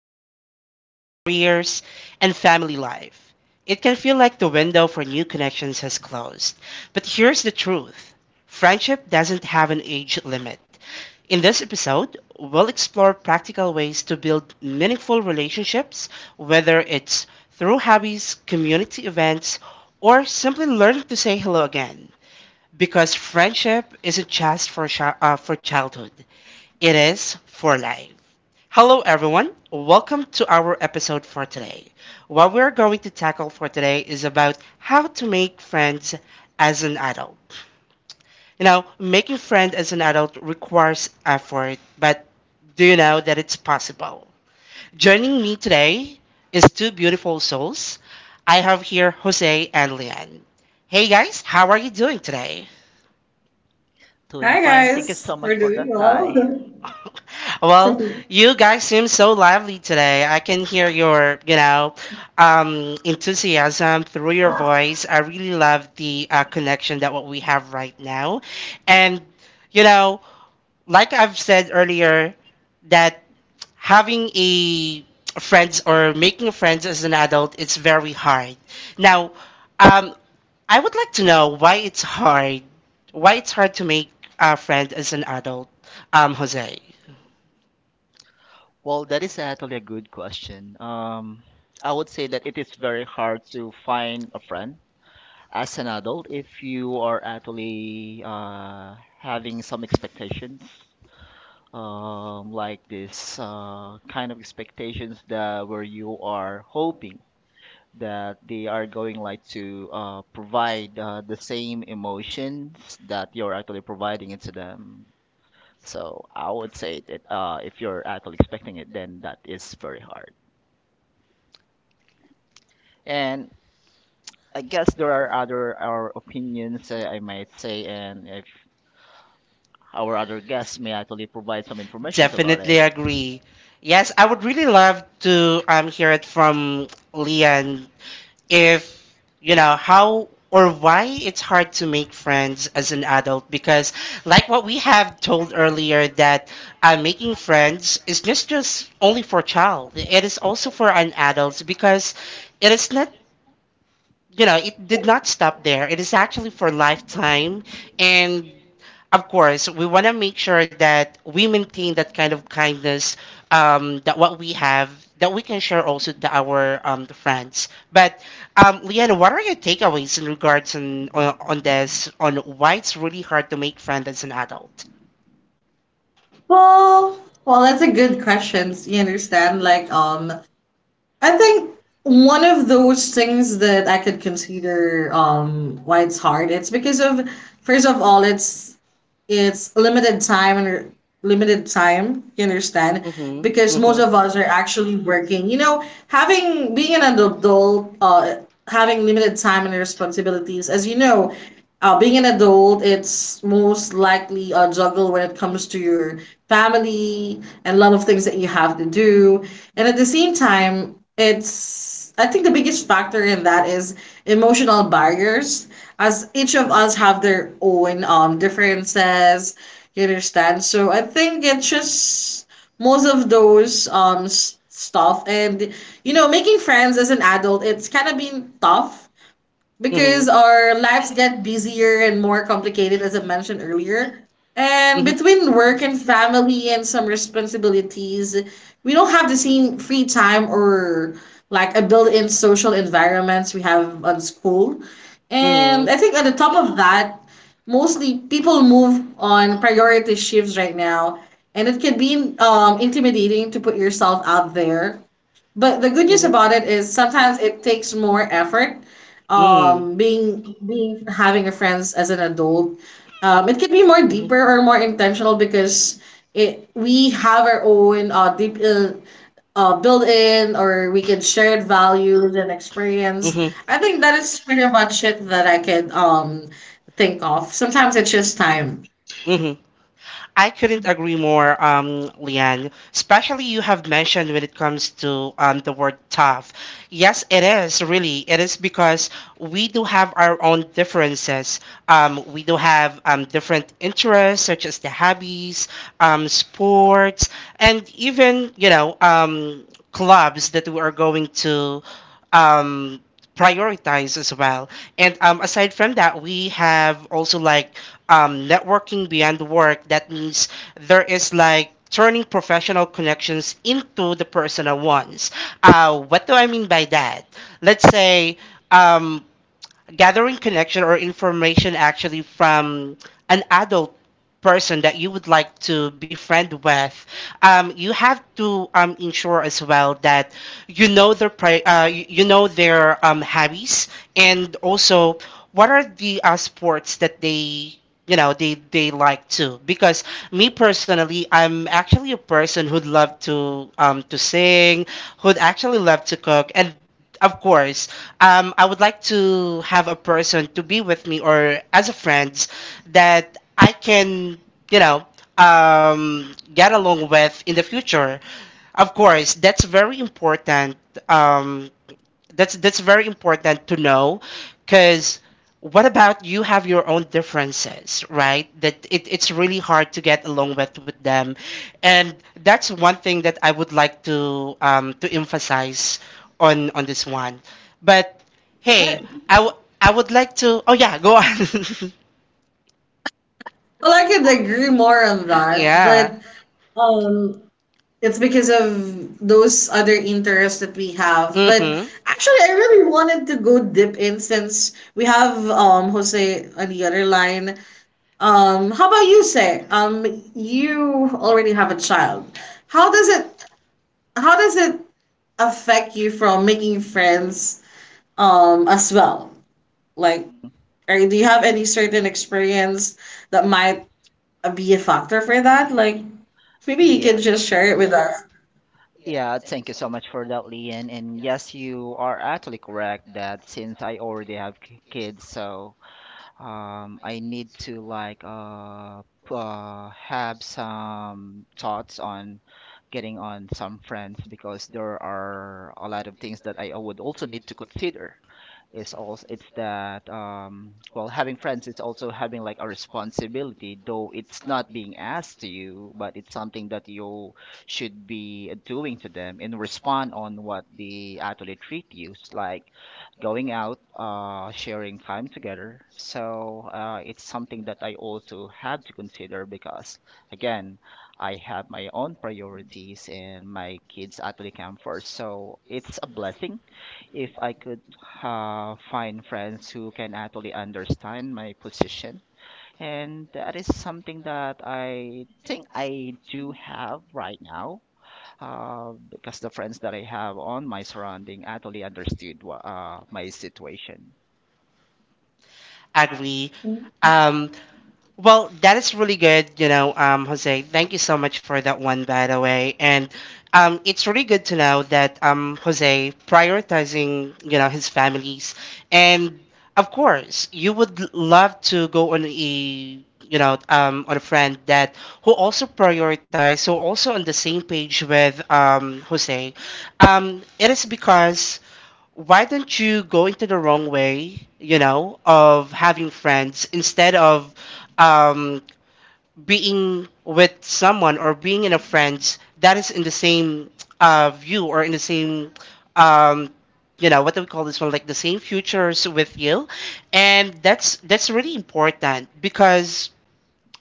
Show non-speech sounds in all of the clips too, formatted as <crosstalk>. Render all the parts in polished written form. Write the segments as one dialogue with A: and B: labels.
A: schedules, careers, and family life, it can feel like the window for new connections has closed. But here's the truth: friendship doesn't have an age limit. In this episode, we'll explore practical ways to build meaningful relationships, whether it's through hobbies, community events, or simply learning to say hello again. Because friendship isn't just for childhood. It is for life. Hello, everyone. Welcome to our episode for today. What we're going to tackle for today is about how to make friends as an adult. You know, making friends as an adult requires effort, but do you know that it's possible? Joining me today is two beautiful souls. I have here Jose and Leanne. Hey guys, how are you doing today?
B: Doing
C: Hi
B: fine. Thank you
C: guys,
B: so much
C: we're
B: for
C: doing
B: that. Hi.
C: well.
A: <laughs> Well,
C: <laughs>
A: you guys seem so lively today. I can hear your, enthusiasm through your voice. I really love the connection that what we have right now, and you know, like I've said earlier, that having a friends or making friends as an adult, it's very hard. Now, um, I would like to know why it's hard. Why it's hard to make a friend as an adult, Jose.
B: Well, that is actually a good question. I would say that it is very hard to find a friend as an adult if you are actually having some expectations, like this kind of expectations that where you are hoping that they are going like to provide the same emotions that you're actually providing it to them. So I would say that if you're actually expecting it, then that is very hard. And I guess there are other our opinions, I might say, and if our other guests may actually provide some information about
A: Definitely
B: it.
A: agree. Yes, I would really love to hear it from Leon if you know how or why it's hard to make friends as an adult because like what we have told earlier that making friends is just only for child, it is also for an adult because it is not, you know, it did not stop there. It is actually for lifetime. And of course, we want to make sure that we maintain that kind of kindness that what we have, that we can share also to our friends. But Leanne, what are your takeaways in regards on this, on why it's really hard to make friends as an adult?
C: well, well, that's a good question. So you understand? I think one of those things that I could consider why it's hard, it's because of first of all, it's limited time and limited time. You understand?
A: Mhm.
C: Because
A: Mhm.
C: most of us are actually working. You know, having being an adult, having limited time and responsibilities, as you know being an adult, it's most likely a juggle when it comes to your family and a lot of things that you have to do. And at the same time, it's I think the biggest factor in that is emotional barriers, as each of us have their own differences. You understand? So I think it's just most of those stuff, and you know making friends as an adult, it's kind of been tough
A: Mhm.
C: because our lives get busier and more complicated, as I mentioned earlier. And
A: Mhm.
C: between work and family and some responsibilities, we don't have the same free time or like a built in social environments we have on school. And
A: Mhm.
C: I think, on the top of that, mostly people move on priority shifts right now. And it can be intimidating to put yourself out there, but the good news
A: Mhm.
C: about it is sometimes it takes more effort.
A: Mhm.
C: Being being having a friends as an adult, it can be more
A: Mhm.
C: deeper or more intentional because it we have our own deep built in or we can share values and experience.
A: Mhm.
C: I think that is pretty much it that I can think of. Sometimes it's just time.
A: Mhm. I couldn't agree more, Leanne. Especially you have mentioned when it comes to the word tough. Yes, it is really. It is because we do have our own differences. We do have different interests such as the hobbies, sports, and even you know clubs that we are going to um, prioritize as well. And aside from that, we have also like networking beyond work. That means there is like turning professional connections into the personal ones. What do I mean by that? Let's say um, gathering connection or information actually from an adult person that you would like to befriend with, you have to ensure as well that you know their you know their hobbies and also what are the sports that they, you know, they like to, because me personally, I'm actually a person who'd love to sing, who'd actually love to cook and of course. I would like to have a person to be with me or as a friend that I can, you know, get along with in the future. Of course, that's very important. Um, that's very important to know, because what about you have your own differences, right? That it's really hard to get along with them, and that's one thing that I would like to emphasize on this one. But hey,
C: Right.
A: I would like to. Oh yeah, go on.
C: Well, I could agree more on
A: <laughs>
C: that,
A: yeah.
C: but um, it's because of those other interests that we have. But
A: Mm-hmm.
C: actually, I really wanted to go dip in since we have Jose on the other line. How about you, say? You already have a child. How does it how does it affect you from making friends as well? Like, or do you have any certain experience that might be a factor for that? Like, maybe you can
B: Yeah,
C: just share it with us.
B: yeah, thank you so much for that, Lee. And yes, you are actually correct that since I already have kids, so I need to like have some thoughts on getting on some friends because there are a lot of things that I would also need to consider is also it's that well having friends it's also having like a responsibility, though it's not being asked to you, but it's something that you should be doing to them and respond on what they actually treat you. It's like going out, sharing time together. So it's something that I also had to consider because, again, I have my own priorities and my kids actually come first. So it's a blessing if I could find friends who can actually understand my position. And that is something that I think I do have right now, because the friends that I have on my surrounding actually understood my situation.
A: Agree. Um, Well, that is really good, you know, Jose. Thank you so much for that one, by the way. And it's really good to know that Jose prioritizing, you know, his families. And of course, you would love to go on a, you know, on a friend that who also prioritize, who also on the same page with Jose. It is because why don't you go into the wrong way, you know, of having friends instead of, um, being with someone or being in a friends that is in the same view or in the same, um, you know, what do we call this one? Like the same futures with you, and that's really important because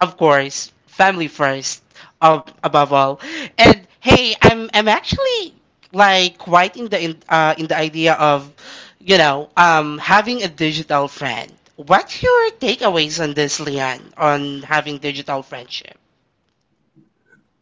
A: of course, family first, above all. And hey, I'm actually like quite in in the idea of, you know, having a digital friend. What's your takeaways on this, Leon, on having digital friendship?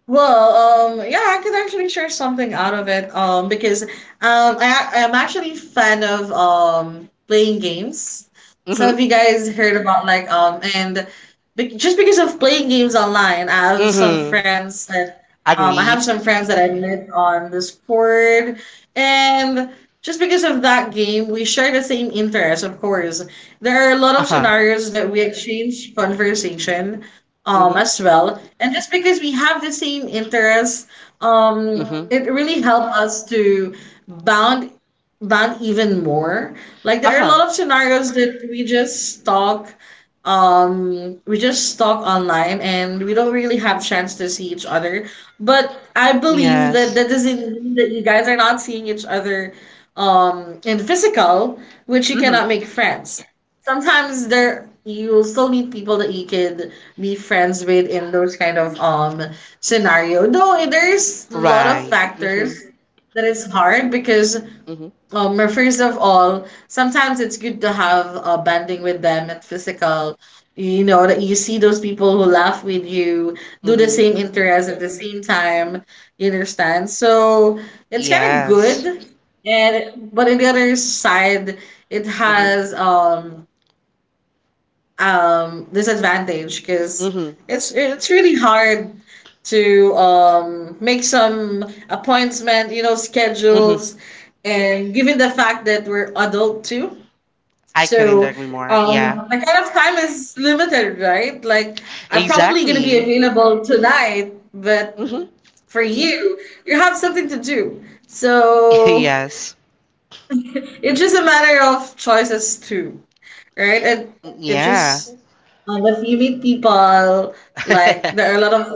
C: Yeah, I could actually share something out of it, because I'm actually fan of playing games. So
A: Mm-hmm.
C: have you guys heard about like and be just because of playing games online,
A: Mm-hmm.
C: I
A: Agree.
C: have some friends that I met on Discord, and just because of that game, we share the same interests, of course. There are a lot of
A: Uh-huh.
C: scenarios that we exchange conversation
A: Mm-hmm.
C: as well, and just because we have the same interests,
A: Mm-hmm.
C: it really helped us to bond bond even more. Like there are a
A: Uh-huh.
C: lot of scenarios that we just talk online and we don't really have chance to see each other, but I believe that
A: Yes.
C: that doesn't mean that you guys are not seeing each other in physical, which you
A: Mm-hmm.
C: cannot make friends. Sometimes there you'll still meet people that you could be friends with in those kind of scenario. Though there's a lot of
A: Right.
C: factors
A: Mm-hmm.
C: that is hard because
A: Mm-hmm.
C: well, first of all, sometimes it's good to have a bonding with them and physical. You know that you see those people who laugh with you, do the
A: Mm-hmm.
C: same interest at the same time. You understand? So it's kind of good,
A: Yes.
C: and but on the other side, it
A: Mm-hmm.
C: has disadvantage because
A: Mm-hmm.
C: it's really hard to make some appointment, you know,
A: Hmm.
C: schedules, and given the fact that we're adult too.
A: I couldn't
C: So
A: agree more.
C: um
A: Yeah,
C: my kind of time is limited, right? Like I'm probably going to be
A: exactly.
C: available tonight, but
A: Hmm.
C: for you, you have something to do.
A: <laughs>
C: So
A: yes.
C: it's just a matter of choices too, right? And it
A: Yeah.
C: just, if you meet people, like
A: <laughs>
C: there are a lot of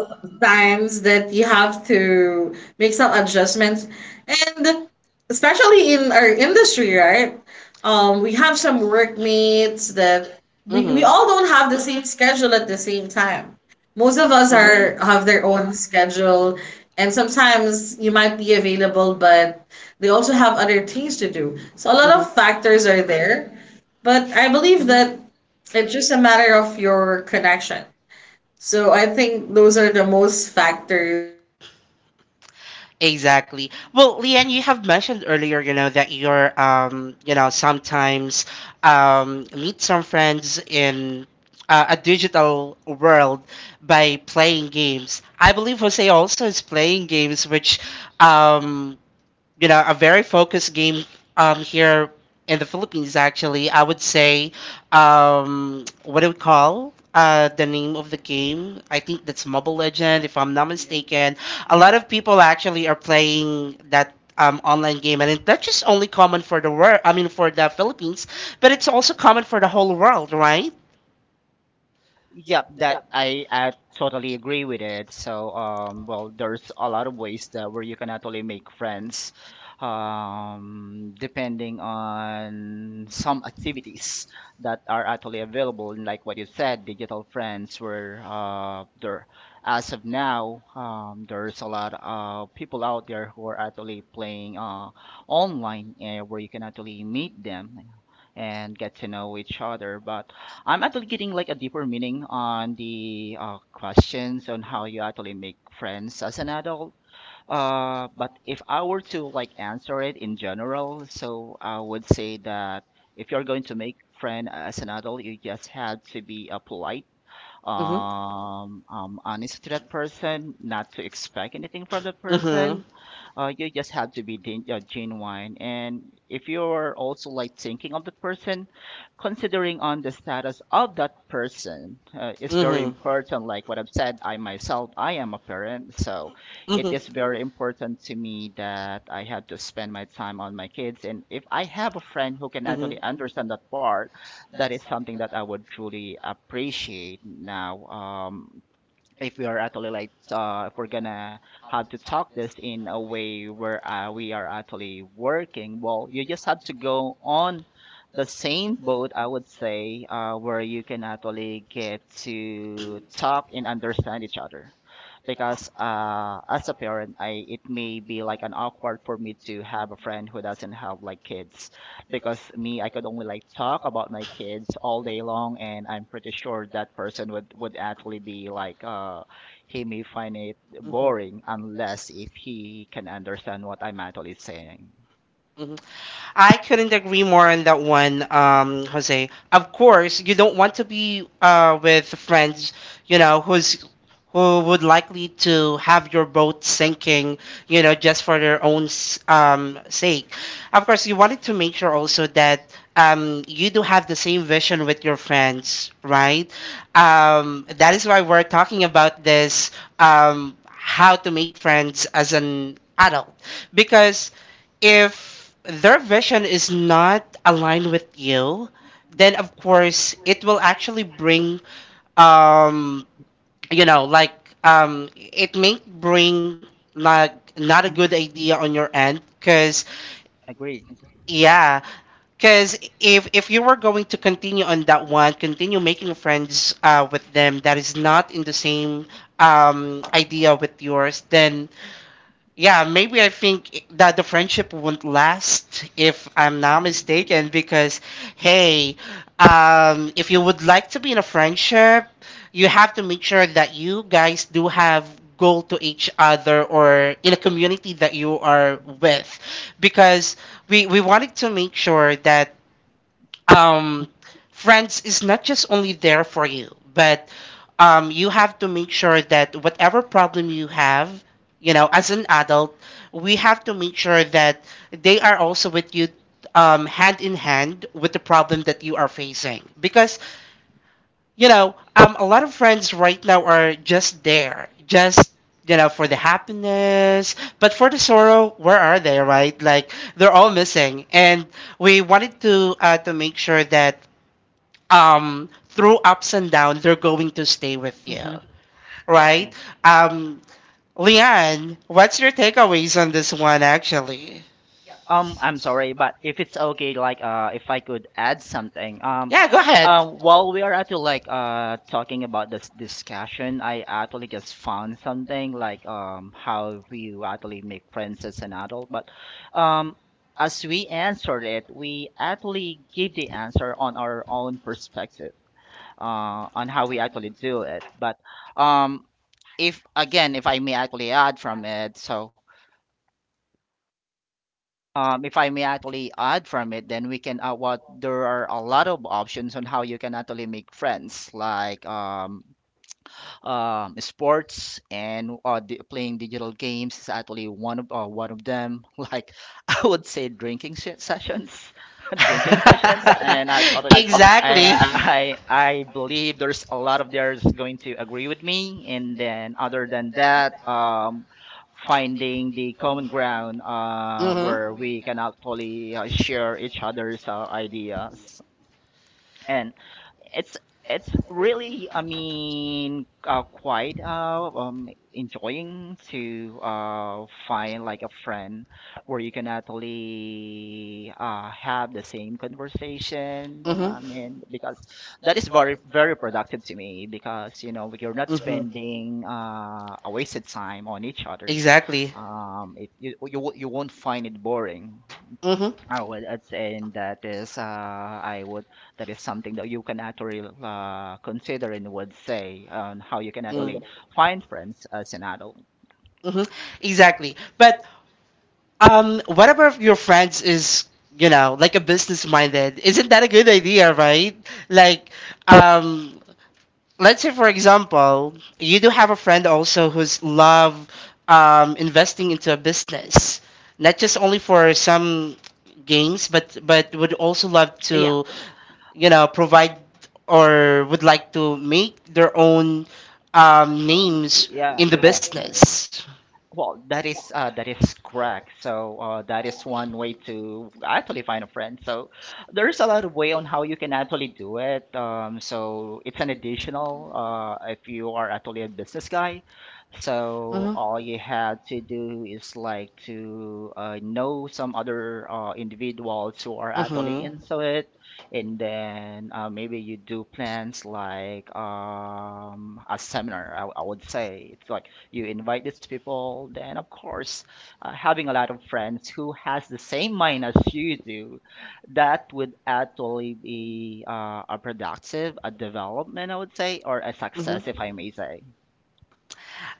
C: times that you have to make some adjustments, and especially in our industry, right? We have some workmates that we
A: Mhm.
C: all don't have the same schedule at the same time. Most of us
A: Mhm.
C: are have their own schedule, and sometimes you might be available, but they also have other things to do. So a lot of
A: Mhm.
C: factors are there, but I believe
A: Mhm.
C: that it's just a matter of your connection. So I think those are the most
A: Exactly. Well, Leanne, you have mentioned earlier, you know, that you're, you know, sometimes meet some friends in a digital world by playing games. I believe Jose also is playing games, which um, you know, a very focused game here in the Philippines, actually. I would say, what do we call the name of the game? I think that's Mobile Legend, if I'm not mistaken. A
B: Mhm.
A: lot of people actually are playing that. Online game, and it's not just only common for the world, I mean for the Philippines, but it's also common for the whole world, right?
B: Yep, that I totally agree with it. So, well, there's a lot of ways that where you can actually make friends, depending on some activities that are actually available. And like what you said, digital friends, where as of now, there's a lot of people out there who are actually playing online, where you can actually meet them and get to know each other. But I'm actually getting like a deeper meaning on the questions on how you actually make friends as an adult. But if I were to like answer it in general, so I would say that if you're going to make friend as an adult, you just have to be polite,
A: Mm-hmm.
B: honest to that person, not to expect anything from that
A: Mm-hmm.
B: person, you just have to be genuine. And if you're also like thinking of the person, considering on the status of that person is very important. Like what I've said, I myself, I am a parent, so it is
A: It.
B: very important to me that I have to spend my time on my kids. And if I have a friend who can actually understand that part, that is something that I would truly appreciate now. If we are actually like if we're gonna have to talk this in a way where we are actually working, well, you just have to go on the same boat, I would say, where you can actually get to talk and understand each other, because as a parent, I it may be like an awkward for me to have a friend who doesn't have like kids, because me, I could only like talk about my kids all day long, and I'm pretty sure that person would actually be like, he may find it boring unless if he can understand what I'm actually saying.
A: I couldn't agree more on that one, Jose. Of course, you don't want to be with friends, you know, who would likely to have your boat sinking, you know, just for their own sake. Of course, you wanted to make sure also that you do have the same vision with your friends, right? That is why we're talking about this, how to make friends as an adult because if their vision is not aligned with you, then of course it will actually bring, um, you know, like, it may bring like not a good idea on your end, because
B: Agree.
A: yeah, because if you were going to continue on that one, continue making friends with them that is not in the same idea with yours, then yeah, maybe I think that the friendship won't last if I'm not mistaken. Because, hey, if you would like to be in a friendship, you have to make sure that you guys do have goal to each other or in a community that you are with, because we wanted to make sure that um, friends is not just only there for you, but you have to make sure that whatever problem you have, you know, as an adult, we have to make sure that they are also with you, hand in hand with the problem that you are facing. Because, you know, a lot of friends right now are just there, just, you know, for the happiness, but for the sorrow, where are they, right? Like they're all missing, and we wanted to make sure that through ups and downs, they're going to stay with you,
B: Mm-hmm.
A: right? Um, Leanne, what's your takeaways on this one, actually?
B: I'm sorry, but if it's okay, like, if I could add something,
A: Yeah, go.
B: while we are actually like talking about this discussion, I actually just found something like how we actually make friends as an adult. But um as we answered it, we actually give the answer on our own perspective, on how we actually do it. But um, if again, if I may actually add from it, so if I may actually add from it, then we can what there are a lot of options on how you can actually make friends. Like sports and playing digital games is actually one of them. <laughs> Like I would say, <laughs> drinking sessions, and I thought,
A: <laughs>
B: it-
A: exactly.
B: and exactly.
A: Hmm.
B: I believe there's a lot of there's going to agree with me. And then other than that, finding the common ground where we can actually share each other's ideas, it's it's really I mean quite enjoying to find like a friend where you can actually have the same conversation.
A: Hmm.
B: I mean, because that is very, very productive to me, because you know you're not
A: Hmm.
B: spending a wasted time on each other.
A: Exactly.
B: It, you will you won't find it boring.
A: Mhm.
B: I would attain that is I would That is something that you can actually consider and would say on how you can actually
A: Mm.
B: find friends as an adult.
A: Mm-hmm. Exactly. But whatever of your friends is, you know, like a business minded, isn't that a good idea, right? Like, um, let's say for example you do have a friend also who's love investing into a business, not just only for some games, but would also love
B: Yeah,
A: to, you know, provide or would like to make their own names
B: yeah.
A: in the business.
B: Well, that is correct. So that is one way to actually find a friend. So there's a lot of way on how you can actually do it. So it's an additional if you are actually a business guy. So
A: Mhm.
B: all you have to do is like to know some other individuals who are
A: Mhm.
B: actually into it, and then maybe you do plans like a seminar. I would say it's like you invite these people, then of course, having a lot of friends who has the same mind as you do, that would actually be a productive, a development, I would say, or a
A: Hmm.
B: success, if I may say.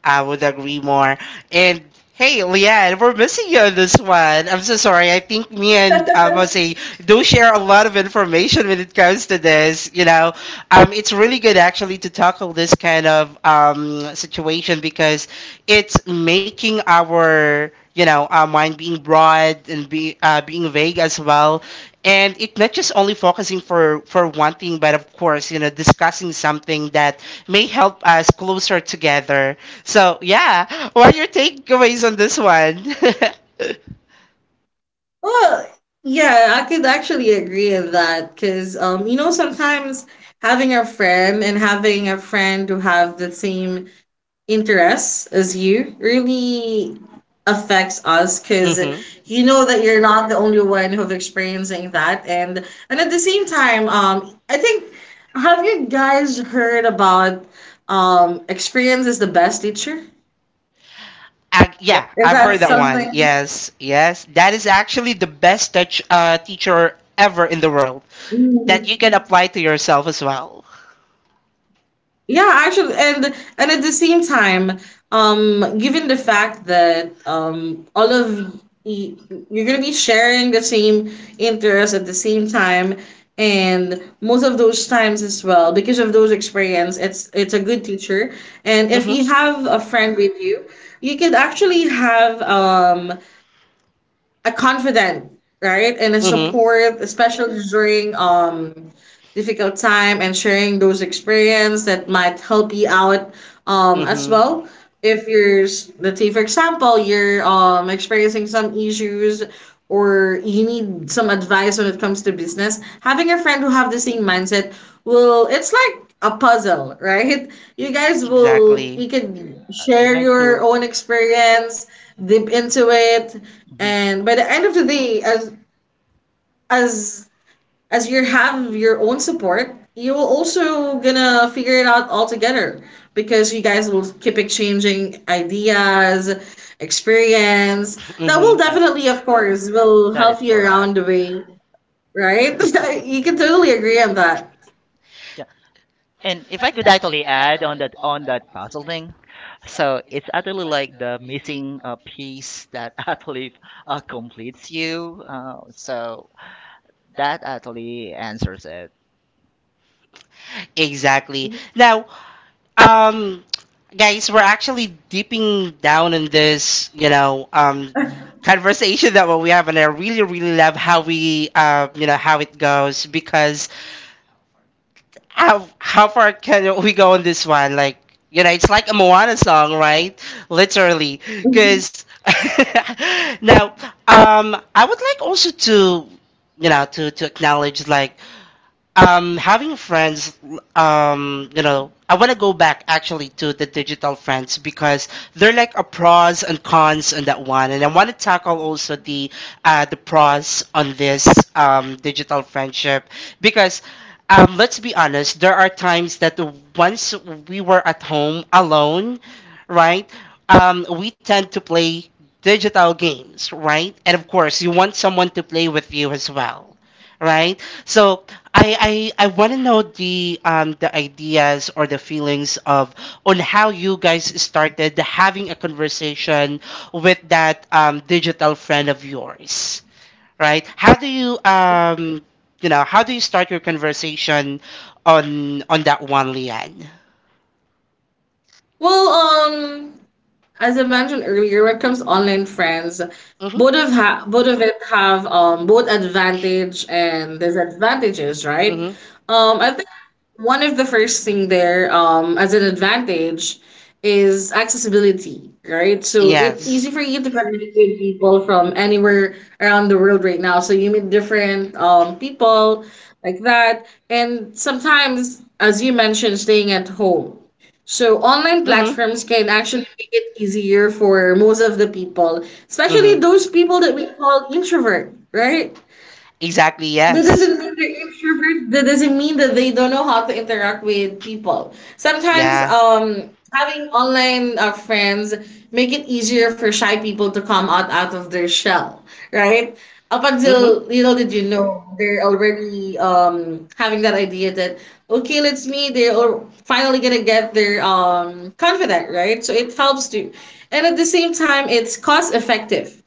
A: I would agree more. And hey, Leanne, we're missing you on this one. I'm so sorry. I think me and
C: <laughs>
A: Jose do share a lot of information when it comes to this. You know, it's really good actually to tackle this kind of situation because it's making our, you know, our mind being broad and be being vague as well, and it not just only focusing for one thing, but of course, you know, discussing something that may help us closer together. So yeah, what are your takeaways on this one?
C: well, yeah, I could actually agree with that because, you know, sometimes having a friend and having a friend who have the same interests as you really affects us
A: <laughs>
C: because
A: Mm-hmm.
C: you know that you're not the only one who've experiencing that, and at the same time, I think have you guys heard about experience is the best teacher?
A: Ag-
B: Yep,
A: yeah,
C: Is
A: I've
C: that
B: I
A: heard that
B: do.
A: one.
C: something?
A: Yes, yes. That is actually the best teacher ever in the world that you can apply to yourself as well.
C: Yeah, actually, and at the same time, given the fact that you're gonna be sharing the same interests at the same time, and most of those times as well, because of those experience, it's a good teacher. And if
A: Mm-hmm.
C: you have a friend with you, you could actually have a confident, right? And a
A: Mm-hmm.
C: support, especially during difficult time and sharing those experience that might help you out as
A: Mm-hmm.
C: well. If let's say for example you're experiencing some issues or you need some advice when it comes to business, having a friend who have the same mindset will, it's like a puzzle, right? You guys will
A: Exactly.
C: you can
B: You
C: share
B: need
C: your
B: to.
C: own experience, dip into it,
B: Mhm.
C: and by the end of the day, as as you have your own support, you will also gonna figure it out all together because you guys will keep exchanging ideas, experience. That will
A: Mm-hmm.
B: Uh,
C: definitely, of course, will
B: that is
C: help you around
B: correct.
C: the way, right? <laughs>
A: <laughs>
C: You can
B: Yeah.
C: totally agree on that.
B: Yeah. And if I could actually add on that puzzle thing, so it's actually like the missing piece that <laughs> actually completes you. So that actually answers it.
A: Exactly. Now, um, guys, we're actually deeping down in this, you know, conversation that what we have, and I really, really love how we, you know, how it goes because how far can we go on this one? Like, you know, it's like a Moana song, right? Literally, because <laughs> now, I would like also to, you know, to acknowledge like having friends. Um, you know, I want to go back actually to the digital friends because they're like a pros and cons on that one, and I want to tackle also the pros on this digital friendship, because let's be honest, there are times that once we were at home alone, right? Um, we tend to play digital games, right? And of course you want someone to play with you as well, right? So I want to know the ideas or the feelings of on how you guys started having a conversation with that digital friend of yours, right? How do you you know, how do you start your conversation on that one, Lian?
C: Well, um, as I mentioned earlier, when it comes to online friends,
A: Mhm.
C: both of it have both advantage and disadvantages, right?
A: Mhm.
C: I think one of the first thing there, as an advantage, is accessibility. Right, so it's easy
A: Yes.
C: for you to connect with people from anywhere around the world right now. So you meet different people like that, and sometimes, as you mentioned, staying at home, so online
A: Mhm.
C: platforms can actually make it easier for most of the people, especially
A: Mhm.
C: those people that we call introvert, right?
A: Exactly.
C: That
A: Yes.
C: doesn't mean they're introverts. That doesn't mean that they don't know how to interact with people. Sometimes,
A: Yeah.
C: having online friends make it easier for shy people to come out of their shell, right? Up until
A: Mhm.
C: little did you know, they're already having that idea that okay, let's meet. Finally gonna get their confident, right? So it helps to, and at the same time, it's cost effective.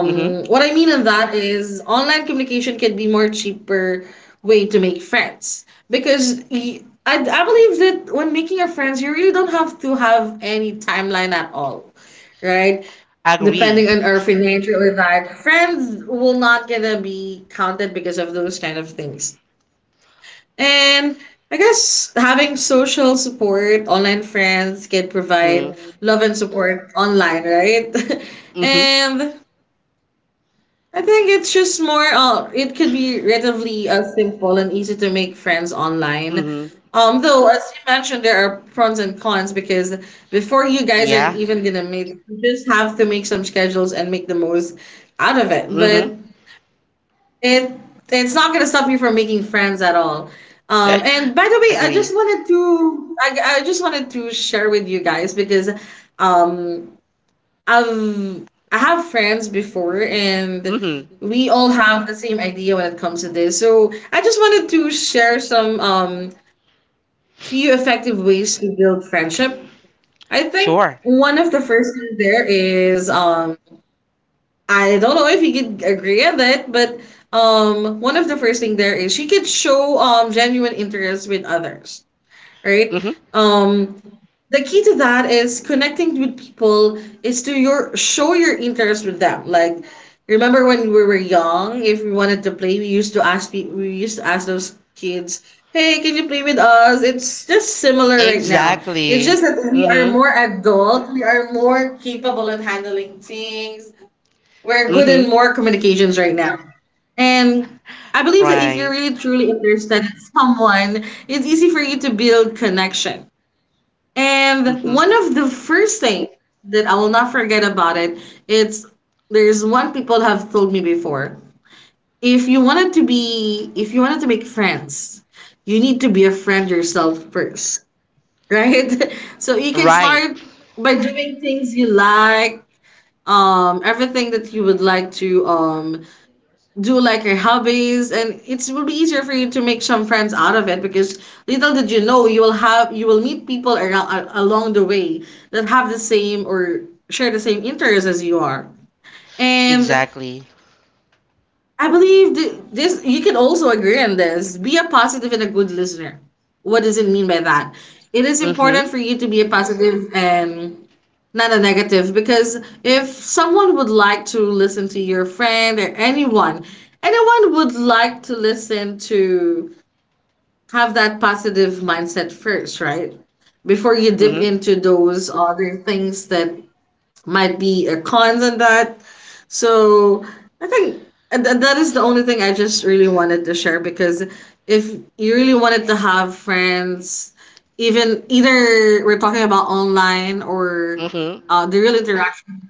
A: Mhm.
C: what i mean in that is online communication can be more cheaper way to make friends because I believe that when making your friends you really don't have to have any timeline at all, right?
A: Agree.
C: Depending on our financial or that friends will not gonna be counted because of those kind of things. And I guess having social support online friends can provide
A: Mm.
C: love and support online, right? <laughs>
A: Mhm.
C: And I think it's just more it could be relatively simple and easy to make friends online.
A: Mm-hmm.
C: Though, as you mentioned, there are pros and cons because before you guys are
A: Yeah.
C: even gonna meet you just have to make some schedules and make the most out of it. But
A: Mm-hmm.
C: it it's not gonna stop you from making friends at all. And
A: <laughs>
C: by the way I just
A: Agree.
C: wanted to I just wanted to share with you guys because um I have friends before and
A: Mm-hmm.
C: we all have the same idea when it comes to this. So I just wanted to share some few effective ways to build friendship. I think
A: Sure.
C: one of the first things there is I don't know if you could agree with it, but one of the first thing there is you could show genuine interest with others, right?
A: Mm-hmm.
C: Um, the key to that is connecting with people is to your show your interest with them. Like, remember when we were young, if we wanted to play, we used to ask those kids, "Hey, can you play with us?" It's just similar right now. It's
A: Exactly.
C: just that we are
A: Mm-hmm.
C: more adult, we are more capable in handling things. We're good
A: Mm-hmm. <laughs>
C: in more communications right now. And I believe that if
A: Right.
C: you're really truly interested in someone, it's easy for you to build connection. And
A: Mm-hmm.
C: one of the first thing that I will not forget about it, it's there's one people have told me before. If you wanted to be if you wanted to make friends, you need to be a friend yourself first. Right? <laughs> So you can start
A: Right.
C: by doing things you like, everything that you would like to do like your hobbies, and it will be easier for you to make some friends out of it because little did you know you will meet people around along the way that have the same or share the same interests as you are. And
A: Exactly.
C: I believe this, you can also agree on this. Be a positive and a good listener. What does it mean by that? It is important
A: Mm-hmm.
C: for you to be a positive and not a negative because if someone would like to listen to your friend or anyone, anyone would like to listen to have that positive mindset first, right? Before you dip
A: Mm-hmm.
C: into those other things that might be cons in that. So I think and that is the only thing I just really wanted to share because if you really wanted to have friends, even either we're talking about online or
A: Mm-hmm.
C: the real interactional,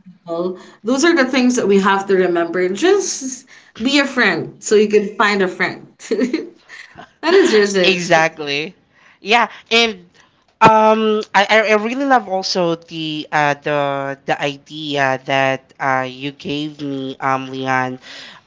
C: those are the things that we have to remember. Just be a friend so you can find a friend. <laughs> That
A: <laughs>
C: is just it.
A: Exactly. Yeah, and I, I really love also the idea that you gave me, Leon.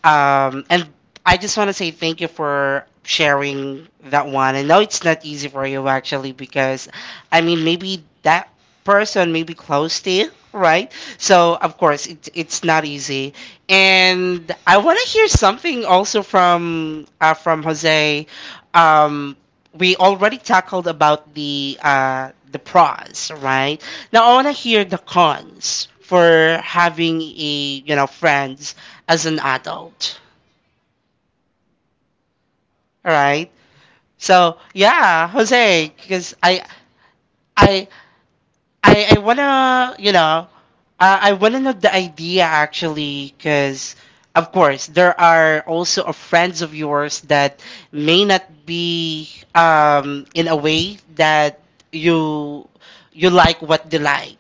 A: And I just want to say thank you for sharing that one. I know it's not easy for you actually because, I mean, maybe that person may be close to you, right? So of course it's not easy. And I want to hear something also from Jose. Um, we already tackled about the pros, right? Now I want to hear the cons for having a, you know, friends as an adult, all right? So yeah, Jose, because I I wanna, you know, I wanna know the idea actually, because of course there are also a friends of yours that may not be in a way that you you like what they like,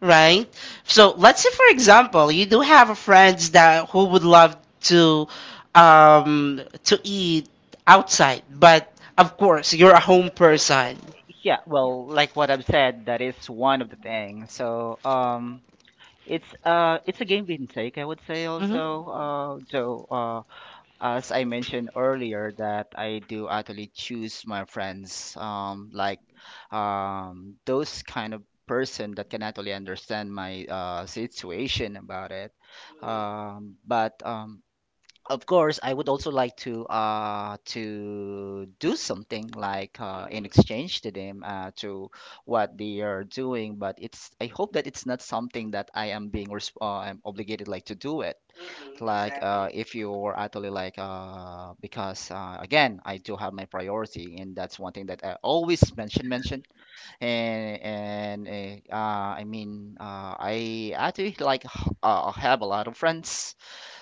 A: right? So let's say for example you do have a friends that who would love to to eat outside, but of course you're a home person.
B: Yeah, well, like what I've said, that is one of the things. So, it's a give and take, I would say.
A: Hmm.
B: Also, as I mentioned earlier, that I do actually choose my friends, like, those kind of person that can actually understand my situation about it. But of course, I would also like to do something like in exchange to them to what they are doing, but it's I hope that it's not something that I am being I'm obligated like to do it. Like exactly. If you're actually like because again, I do have my priority, and that's one thing that I always mention and I mean I actually like have a lot of friends,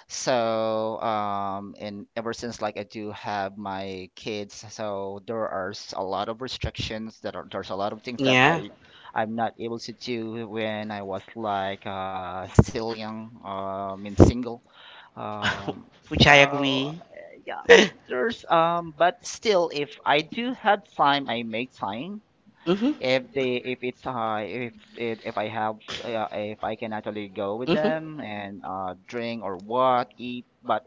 B: so and ever since like I do have my kids, so there are a lot of restrictions that are there's a lot of things that, yeah,
A: Yeah.
B: I I'm not able to do when I was like still young, and single.
A: <laughs> um,
B: Um,
A: which
B: Right.
A: I
B: So
A: agree.
B: yeah,
A: <laughs> Mm-hmm.
B: there's but still, if I do have time, I make time. If they if
A: If.
B: it's if it, if I have if I can actually go with them and drink or what eat, but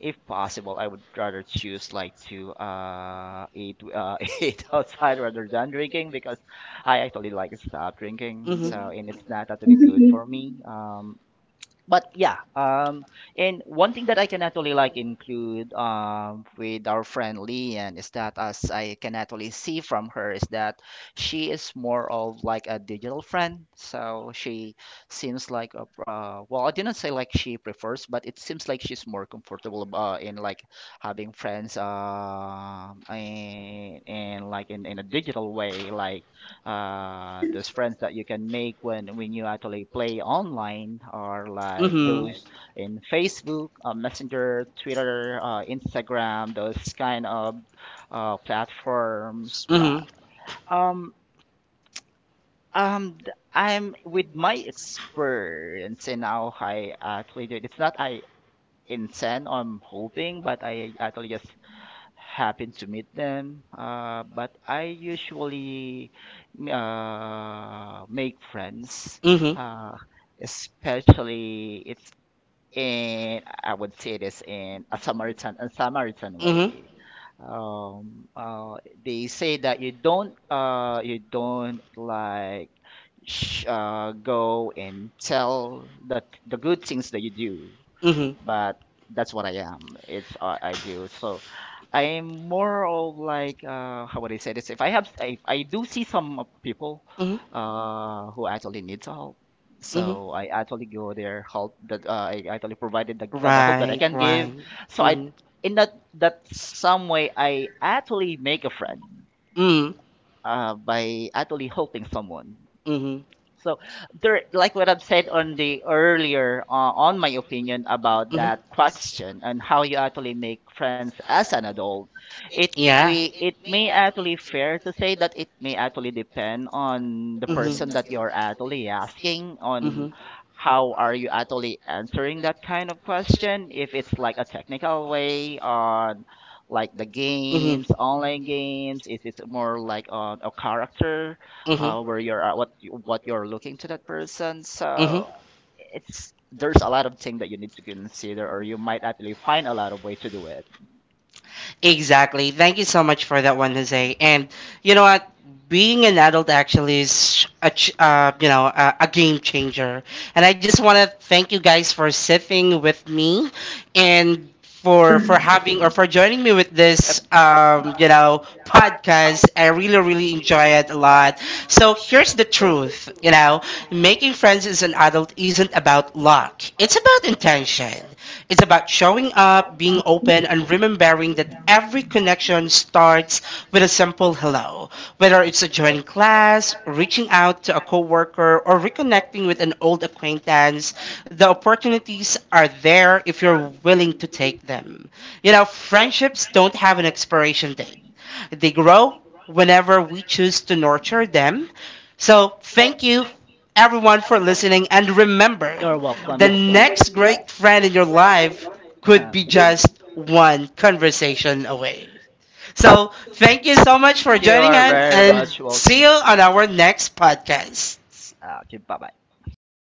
B: if possible, I would rather choose like to eat <laughs> eat outside rather than drinking because I actually like to stop drinking, so and it's not actually good for me. But yeah and one thing that I can actually like include with our friend Lian is that as I can actually see from her is that she is more of like a digital friend, so she seems like a well I didn't say like she prefers but it seems like she's more comfortable in like having friends in like in a digital way, like those friends that you can make when you actually play online are like those in Facebook, Messenger, Twitter, Instagram, those kind of platforms. But
A: Mm-hmm.
B: um, I'm with my experience in how I actually do it. It's not I intend or I'm hoping, but I actually just happen to meet them. But I usually make friends,
A: Mm-hmm.
B: uh, especially it's in, I would say this in a Samaritan
A: Mm-hmm.
B: way. Um, uh, they say that you don't like go and tell the good things that you do,
A: Mm-hmm.
B: but that's what I am. It's I do. So I'm more of like how would I say this? If I have, if I do see some of people
A: Mm-hmm.
B: who actually needs help,
A: Mm-hmm.
B: so I actually go there help that I actually provided the help right that I
A: Right,
B: can give.
A: right.
B: So I
A: <laughs>
B: in that that some way I actually make a friend
A: Mm-hmm.
B: by actually helping someone.
A: Mm-hmm.
B: So there, like what I've said on the earlier, on my opinion about that question and how you actually make friends as an adult, it we it may actually fair to say that it may actually depend on the person that you're actually asking on hmm how are you actually answering that kind of question. If it's like a technical way on like the games, online games, if it's more like on a character
A: Mhm.
B: where you're at, what you're looking to that person. So it's there's a lot of things that you need to consider, or you might actually find a lot of way to do it.
A: Exactly. Thank you so much for that one, Jose. And you know what? Being an adult actually is a you know, a game changer. And I just want to thank you guys for sitting with me and for
C: <laughs>
A: having or for joining me with
B: Yep.
A: this, you know, podcast. I really really enjoy it a lot. So here's the truth. You know, making friends as an adult isn't about luck. It's about intention. It's about showing up, being open, and remembering that every connection starts with a simple hello. Whether it's a joining class, reaching out to a coworker, or reconnecting with an old acquaintance, the opportunities are there if you're willing to take them. You know, friendships don't have an expiration date. They grow whenever we choose to nurture them. So, thank you everyone for listening. And remember,
B: You're welcome.
A: the next great friend in your life could be just one conversation away. So, thank you so much for
B: <laughs> You
A: joining
B: are
A: us
B: very
A: and
B: much welcome.
A: see you on our next podcast.
B: Okay, bye bye.